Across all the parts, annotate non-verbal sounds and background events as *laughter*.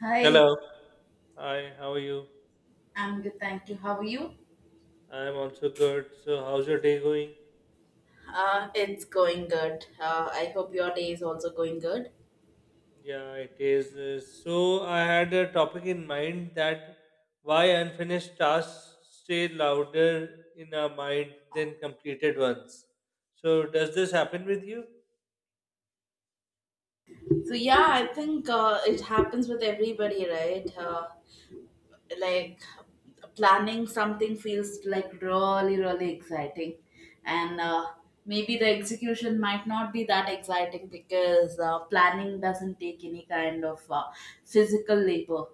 Hi, Hello. Hi, how are you? I'm good, thank you. How are you? I'm also good. So, how's your day going? It's going good. I hope your day is also going good. Yeah, it is. So, I had a topic in mind that why unfinished tasks stay louder in our mind than completed ones. So, does this happen with you? I think it happens with everybody, right? Like planning something feels like really exciting and maybe the execution might not be that exciting because planning doesn't take any kind of physical labor,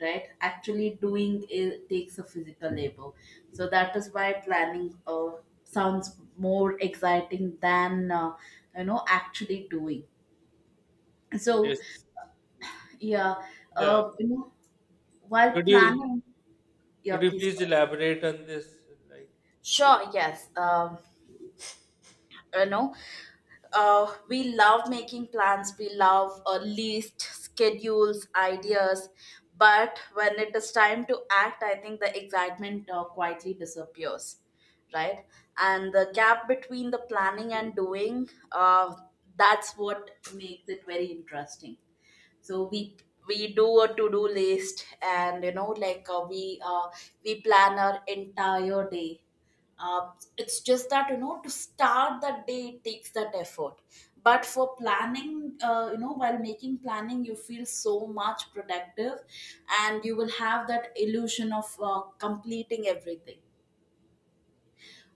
right? Actually doing it takes a physical labor. So that is why planning sounds more exciting than actually doing, so Yes. yeah. Yeah. uh, you know while Could you planning, yeah, could you please please go. elaborate on this? Like, Sure, yes. You know, we love making plans, we love a list, schedules, ideas, but when it is time to act, I think the excitement quietly disappears, right? And the gap between the planning and doing, that's what makes it very interesting. So we do a to-do list, and we plan our entire day. uh, it's just that you know, to start the day it takes that effort, but for planning, while making planning, you feel so much productive, and you will have that illusion of completing everything.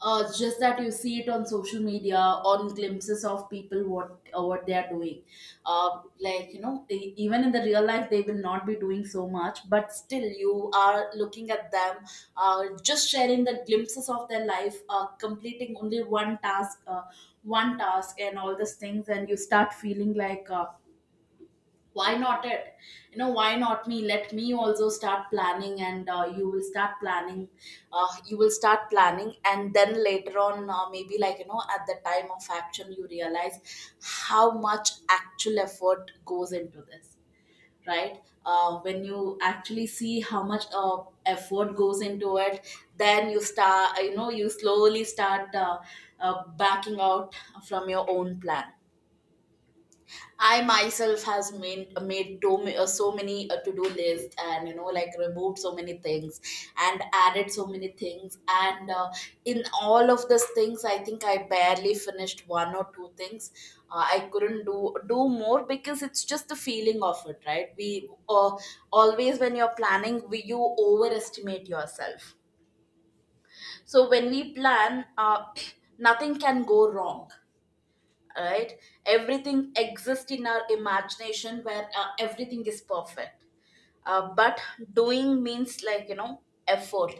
It's just that you see it on social media, on glimpses of people, what they are doing. Even in the real life, they will not be doing so much, but still, you are looking at them, just sharing the glimpses of their life, completing only one task, and all these things, and you start feeling like. Why not it, you know, why not me? Let me also start planning, and you will start planning. You will start planning, and then later on, maybe at the time of action you realize how much actual effort goes into this, right? When you actually see how much effort goes into it, then you start, you know, you slowly start backing out from your own plan. I myself has made to, so many to do list, and you know like removed so many things and added so many things, and in all of these things I think I barely finished one or two things. I couldn't do more because it's just the feeling of it, right? We Always when you're planning, you overestimate yourself. So when we plan, *clears throat* nothing can go wrong, right? Everything exists in our imagination where everything is perfect. But doing means, like, you know, effort.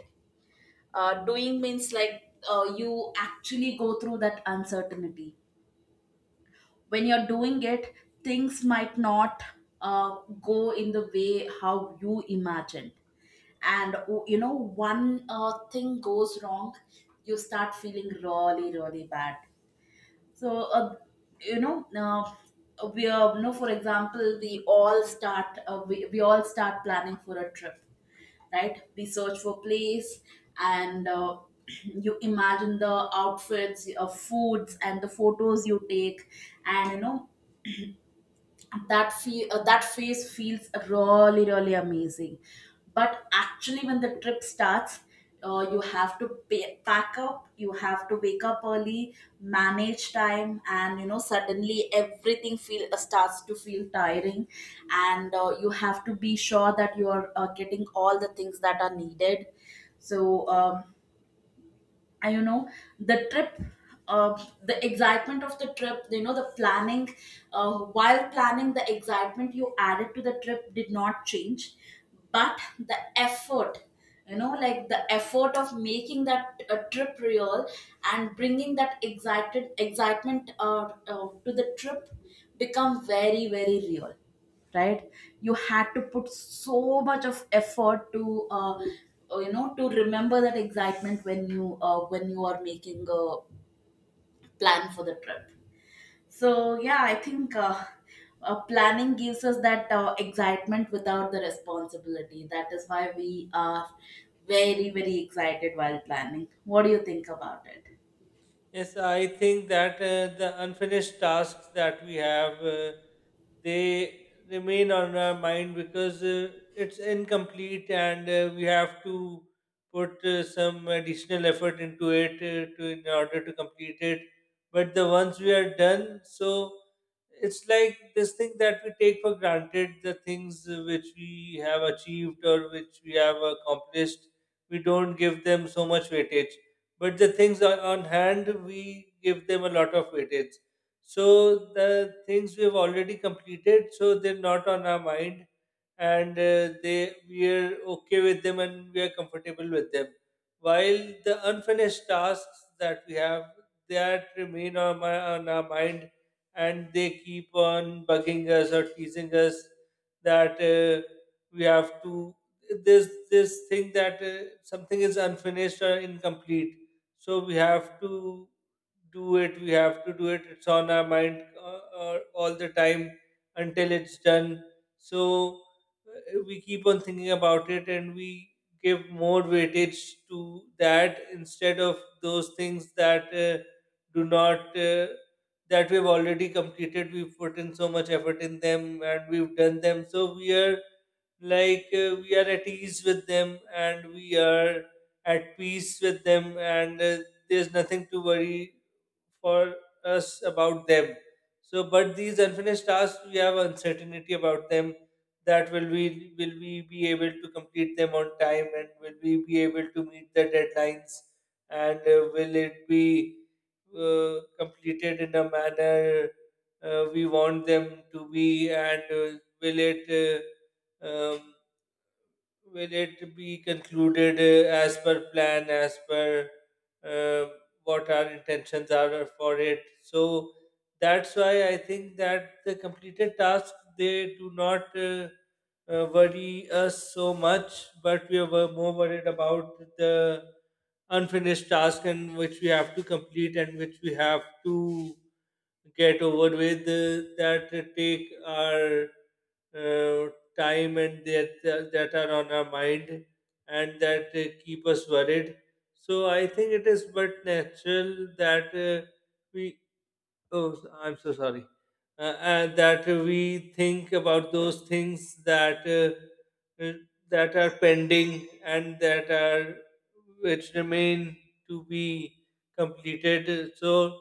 Doing means you actually go through that uncertainty. When you're doing it, things might not uh, go in the way how you imagined, and oh, you know, one thing goes wrong, you start feeling really really bad. So, for example, we all start planning for a trip, right? We search for place, and *clears throat* you imagine the outfits, foods, and the photos you take, and you know that phase feels really really amazing. But actually when the trip starts, you have to pack up, you have to wake up early, manage time, and you know, suddenly everything feel starts to feel tiring, and you have to be sure that you are getting all the things that are needed. So I you know the trip, the excitement of the trip, you know, the planning, while planning, the excitement you added to the trip did not change, but the effort, you know, like the effort of making that trip real and bringing that excited excitement to the trip become very very real, right? You had to put so much of effort to to remember that excitement when you are making a plan for the trip. So yeah, I think planning gives us that excitement without the responsibility. That is why we are very very excited while planning. What do you think about it? yes, I think that the unfinished tasks that we have, they remain on our mind because it's incomplete, and we have to put some additional effort into it to, in order to complete it. But the ones we are done, so it's like this thing that we take for granted. The things which we have achieved or which we have accomplished, we don't give them so much weightage, but the things on hand, we give them a lot of weightage. So the things we've already completed, so they're not on our mind, and they, we are okay with them and we are comfortable with them, while the unfinished tasks that we have, that remain on, my, on our mind, and they keep on bugging us or teasing us, that we have to, this thing that something is unfinished or incomplete, so we have to do it, we have to do it, it's on our mind all the time until it's done. So we keep on thinking about it, and we give more weightage to that instead of those things that do not that we've already completed. We've put in so much effort in them, and we've done them, so we are like we are at ease with them, and we are at peace with them, and there's nothing to worry for us about them. So but these unfinished tasks, we have uncertainty about them, that will we, will we be able to complete them on time, and will we be able to meet the deadlines, and will it be completed in a manner we want them to be, and will it um, will it be concluded as per plan, as per uh, what our intentions are for it? So that's why I think that the completed tasks, they do not worry us so much, but we were more worried about the unfinished task, and which we have to complete, and which we have to get over with, that take our uh, time, and that are on our mind, and that keep us worried. So I think it is but natural that we, oh, I'm so sorry. And that we think about those things that that are pending, and that are, which remain to be completed. So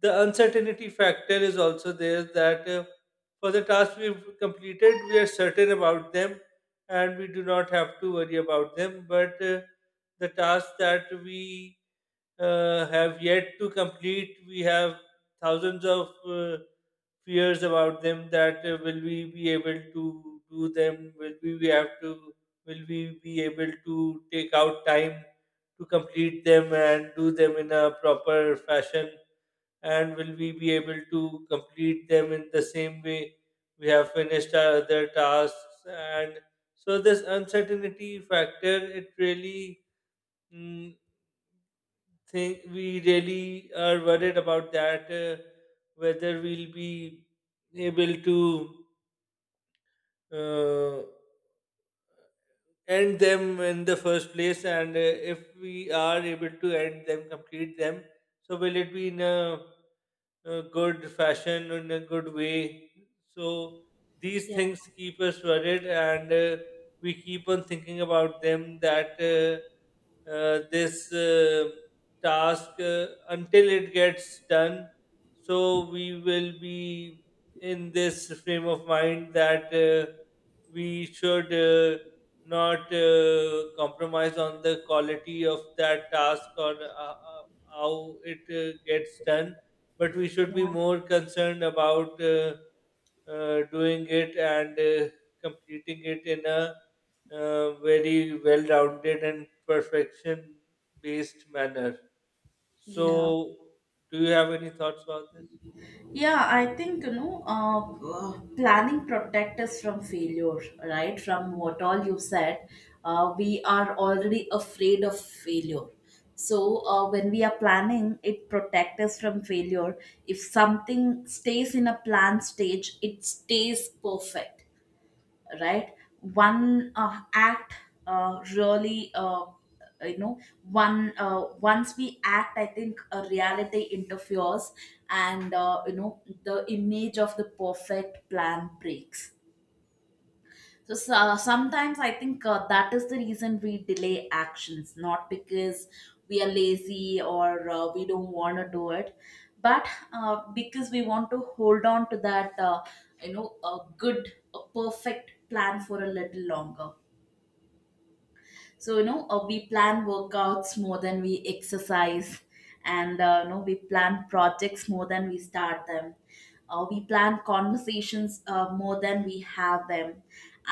the uncertainty factor is also there, that for the tasks we've completed, we are certain about them, and we do not have to worry about them. But the tasks that we have yet to complete, we have thousands of fears about them, that will we be able to do them? Will we have to? Will we be able to take out time to complete them and do them in a proper fashion? And will we be able to complete them in the same way we have finished our other tasks? And so this uncertainty factor, it really, mm, think we really are worried about that, whether we'll be able to uh, end them in the first place, and if we are able to end them, complete them, so will it be in a good fashion, in a good way. So these Yeah, things keep us worried, and we keep on thinking about them, that this task until it gets done. So we will be in this frame of mind that we should not compromise on the quality of that task, or how it gets done, but we should be more concerned about doing it, and completing it in a very well rounded and perfection based manner. yeah. So, do you have any thoughts about this? Yeah, I think, planning protect us from failure, right? From what all you said, we are already afraid of failure. So when we are planning, it protect us from failure. If something stays in a plan stage, it stays perfect, right? One act really you know one Once we act, I think a reality interferes, and you know, the image of the perfect plan breaks. So sometimes I think that is the reason we delay actions, not because we are lazy or we don't want to do it, but because we want to hold on to that, a good, a perfect plan for a little longer. So you know, we plan workouts more than we exercise, and we plan projects more than we start them. We plan conversations more than we have them,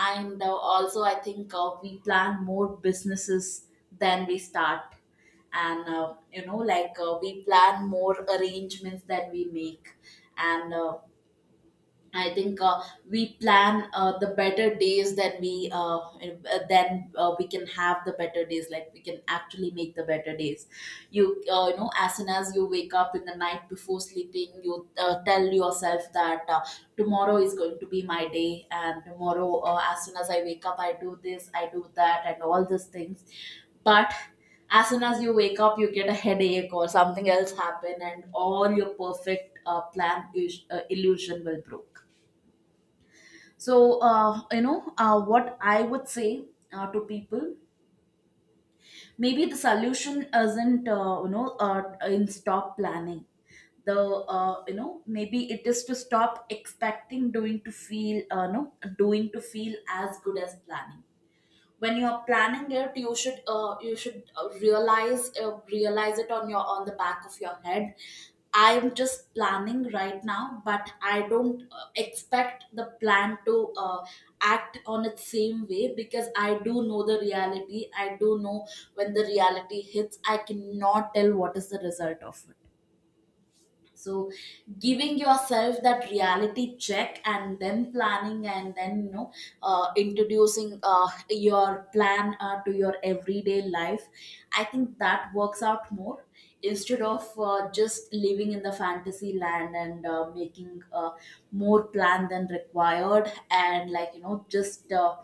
and also I think we plan more businesses than we start, and we plan more arrangements than we make, and I think we plan the better days that we can have the better days. Like, we can actually make the better days. As soon as you wake up in the night before sleeping, you tell yourself that tomorrow is going to be my day, and tomorrow, as soon as I wake up, I do this, I do that, and all these things. But as soon as you wake up, you get a headache or something else happen, and all your perfect plan is, illusion will broke. So, what I would say to people, maybe the solution isn't, in stop planning. Maybe it is to stop expecting doing to feel, no, doing to feel as good as planning. When you are planning it, you should realize it on your, on the back of your head, I'm just planning right now, but I don't expect the plan to act on its same way, because I do know the reality. I do know when the reality hits I cannot tell what is the result of it. So giving yourself that reality check and then planning, and then you know, introducing your plan to your everyday life, I think that works out more, instead of just living in the fantasy land and making more plan than required, and like, you know, just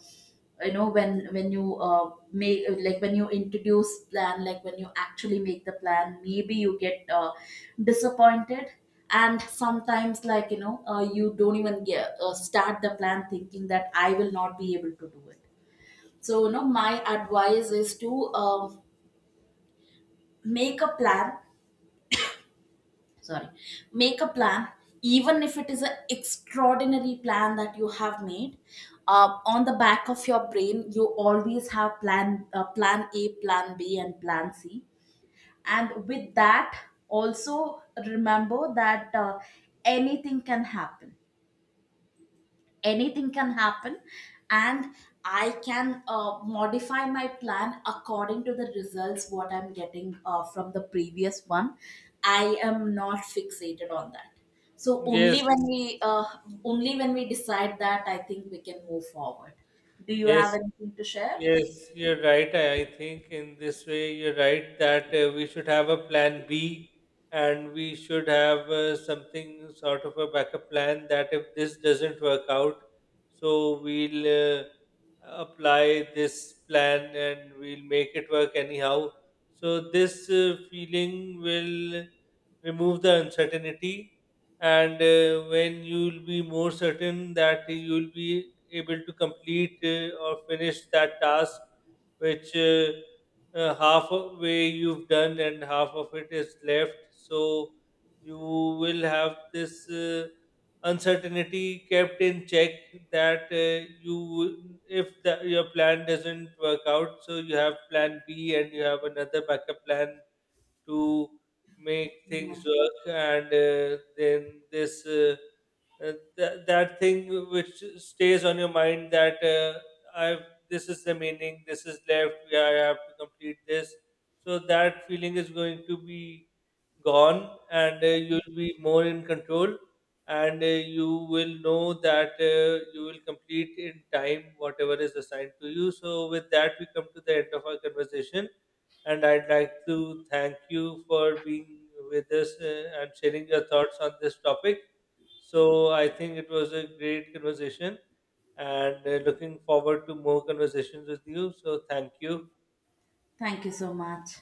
you know when you make like when you introduce plan, like when you actually make the plan, maybe you get disappointed. And sometimes, like, you know, you don't even get start the plan thinking that I will not be able to do it. So you know, my advice is to um, make a plan. Sorry, make a plan, even if it is an extraordinary plan that you have made. On the back of your brain, you always have plan A, plan B, and plan C. And with that, also remember that anything can happen, anything can happen. And I can modify my plan according to the results what I'm getting from the previous one. I am not fixated on that. So Yes, only when we decide that, I think we can move forward. Do you yes, have anything to share? yes, you're right. I think in this way, you're right, that we should have a plan B, and we should have something sort of a backup plan, that if this doesn't work out, so we'll apply this plan and we'll make it work anyhow. So, this feeling will remove the uncertainty, and when you will be more certain that you will be able to complete or finish that task, which half of way you've done and half of it is left, so you will have this uncertainty kept in check, that you, if the, your plan doesn't work out, so you have plan B and you have another backup plan to make Yeah, things work, and then this that thing which stays on your mind, that I, this is the meaning, this is left, yeah, I have to complete this, so that feeling is going to be gone, and you'll be more in control, and you will know that you will complete in time whatever is assigned to you. So with that, we come to the end of our conversation, and I'd like to thank you for being with us, and sharing your thoughts on this topic. So I think it was a great conversation, and looking forward to more conversations with you. So thank you. thank you so much.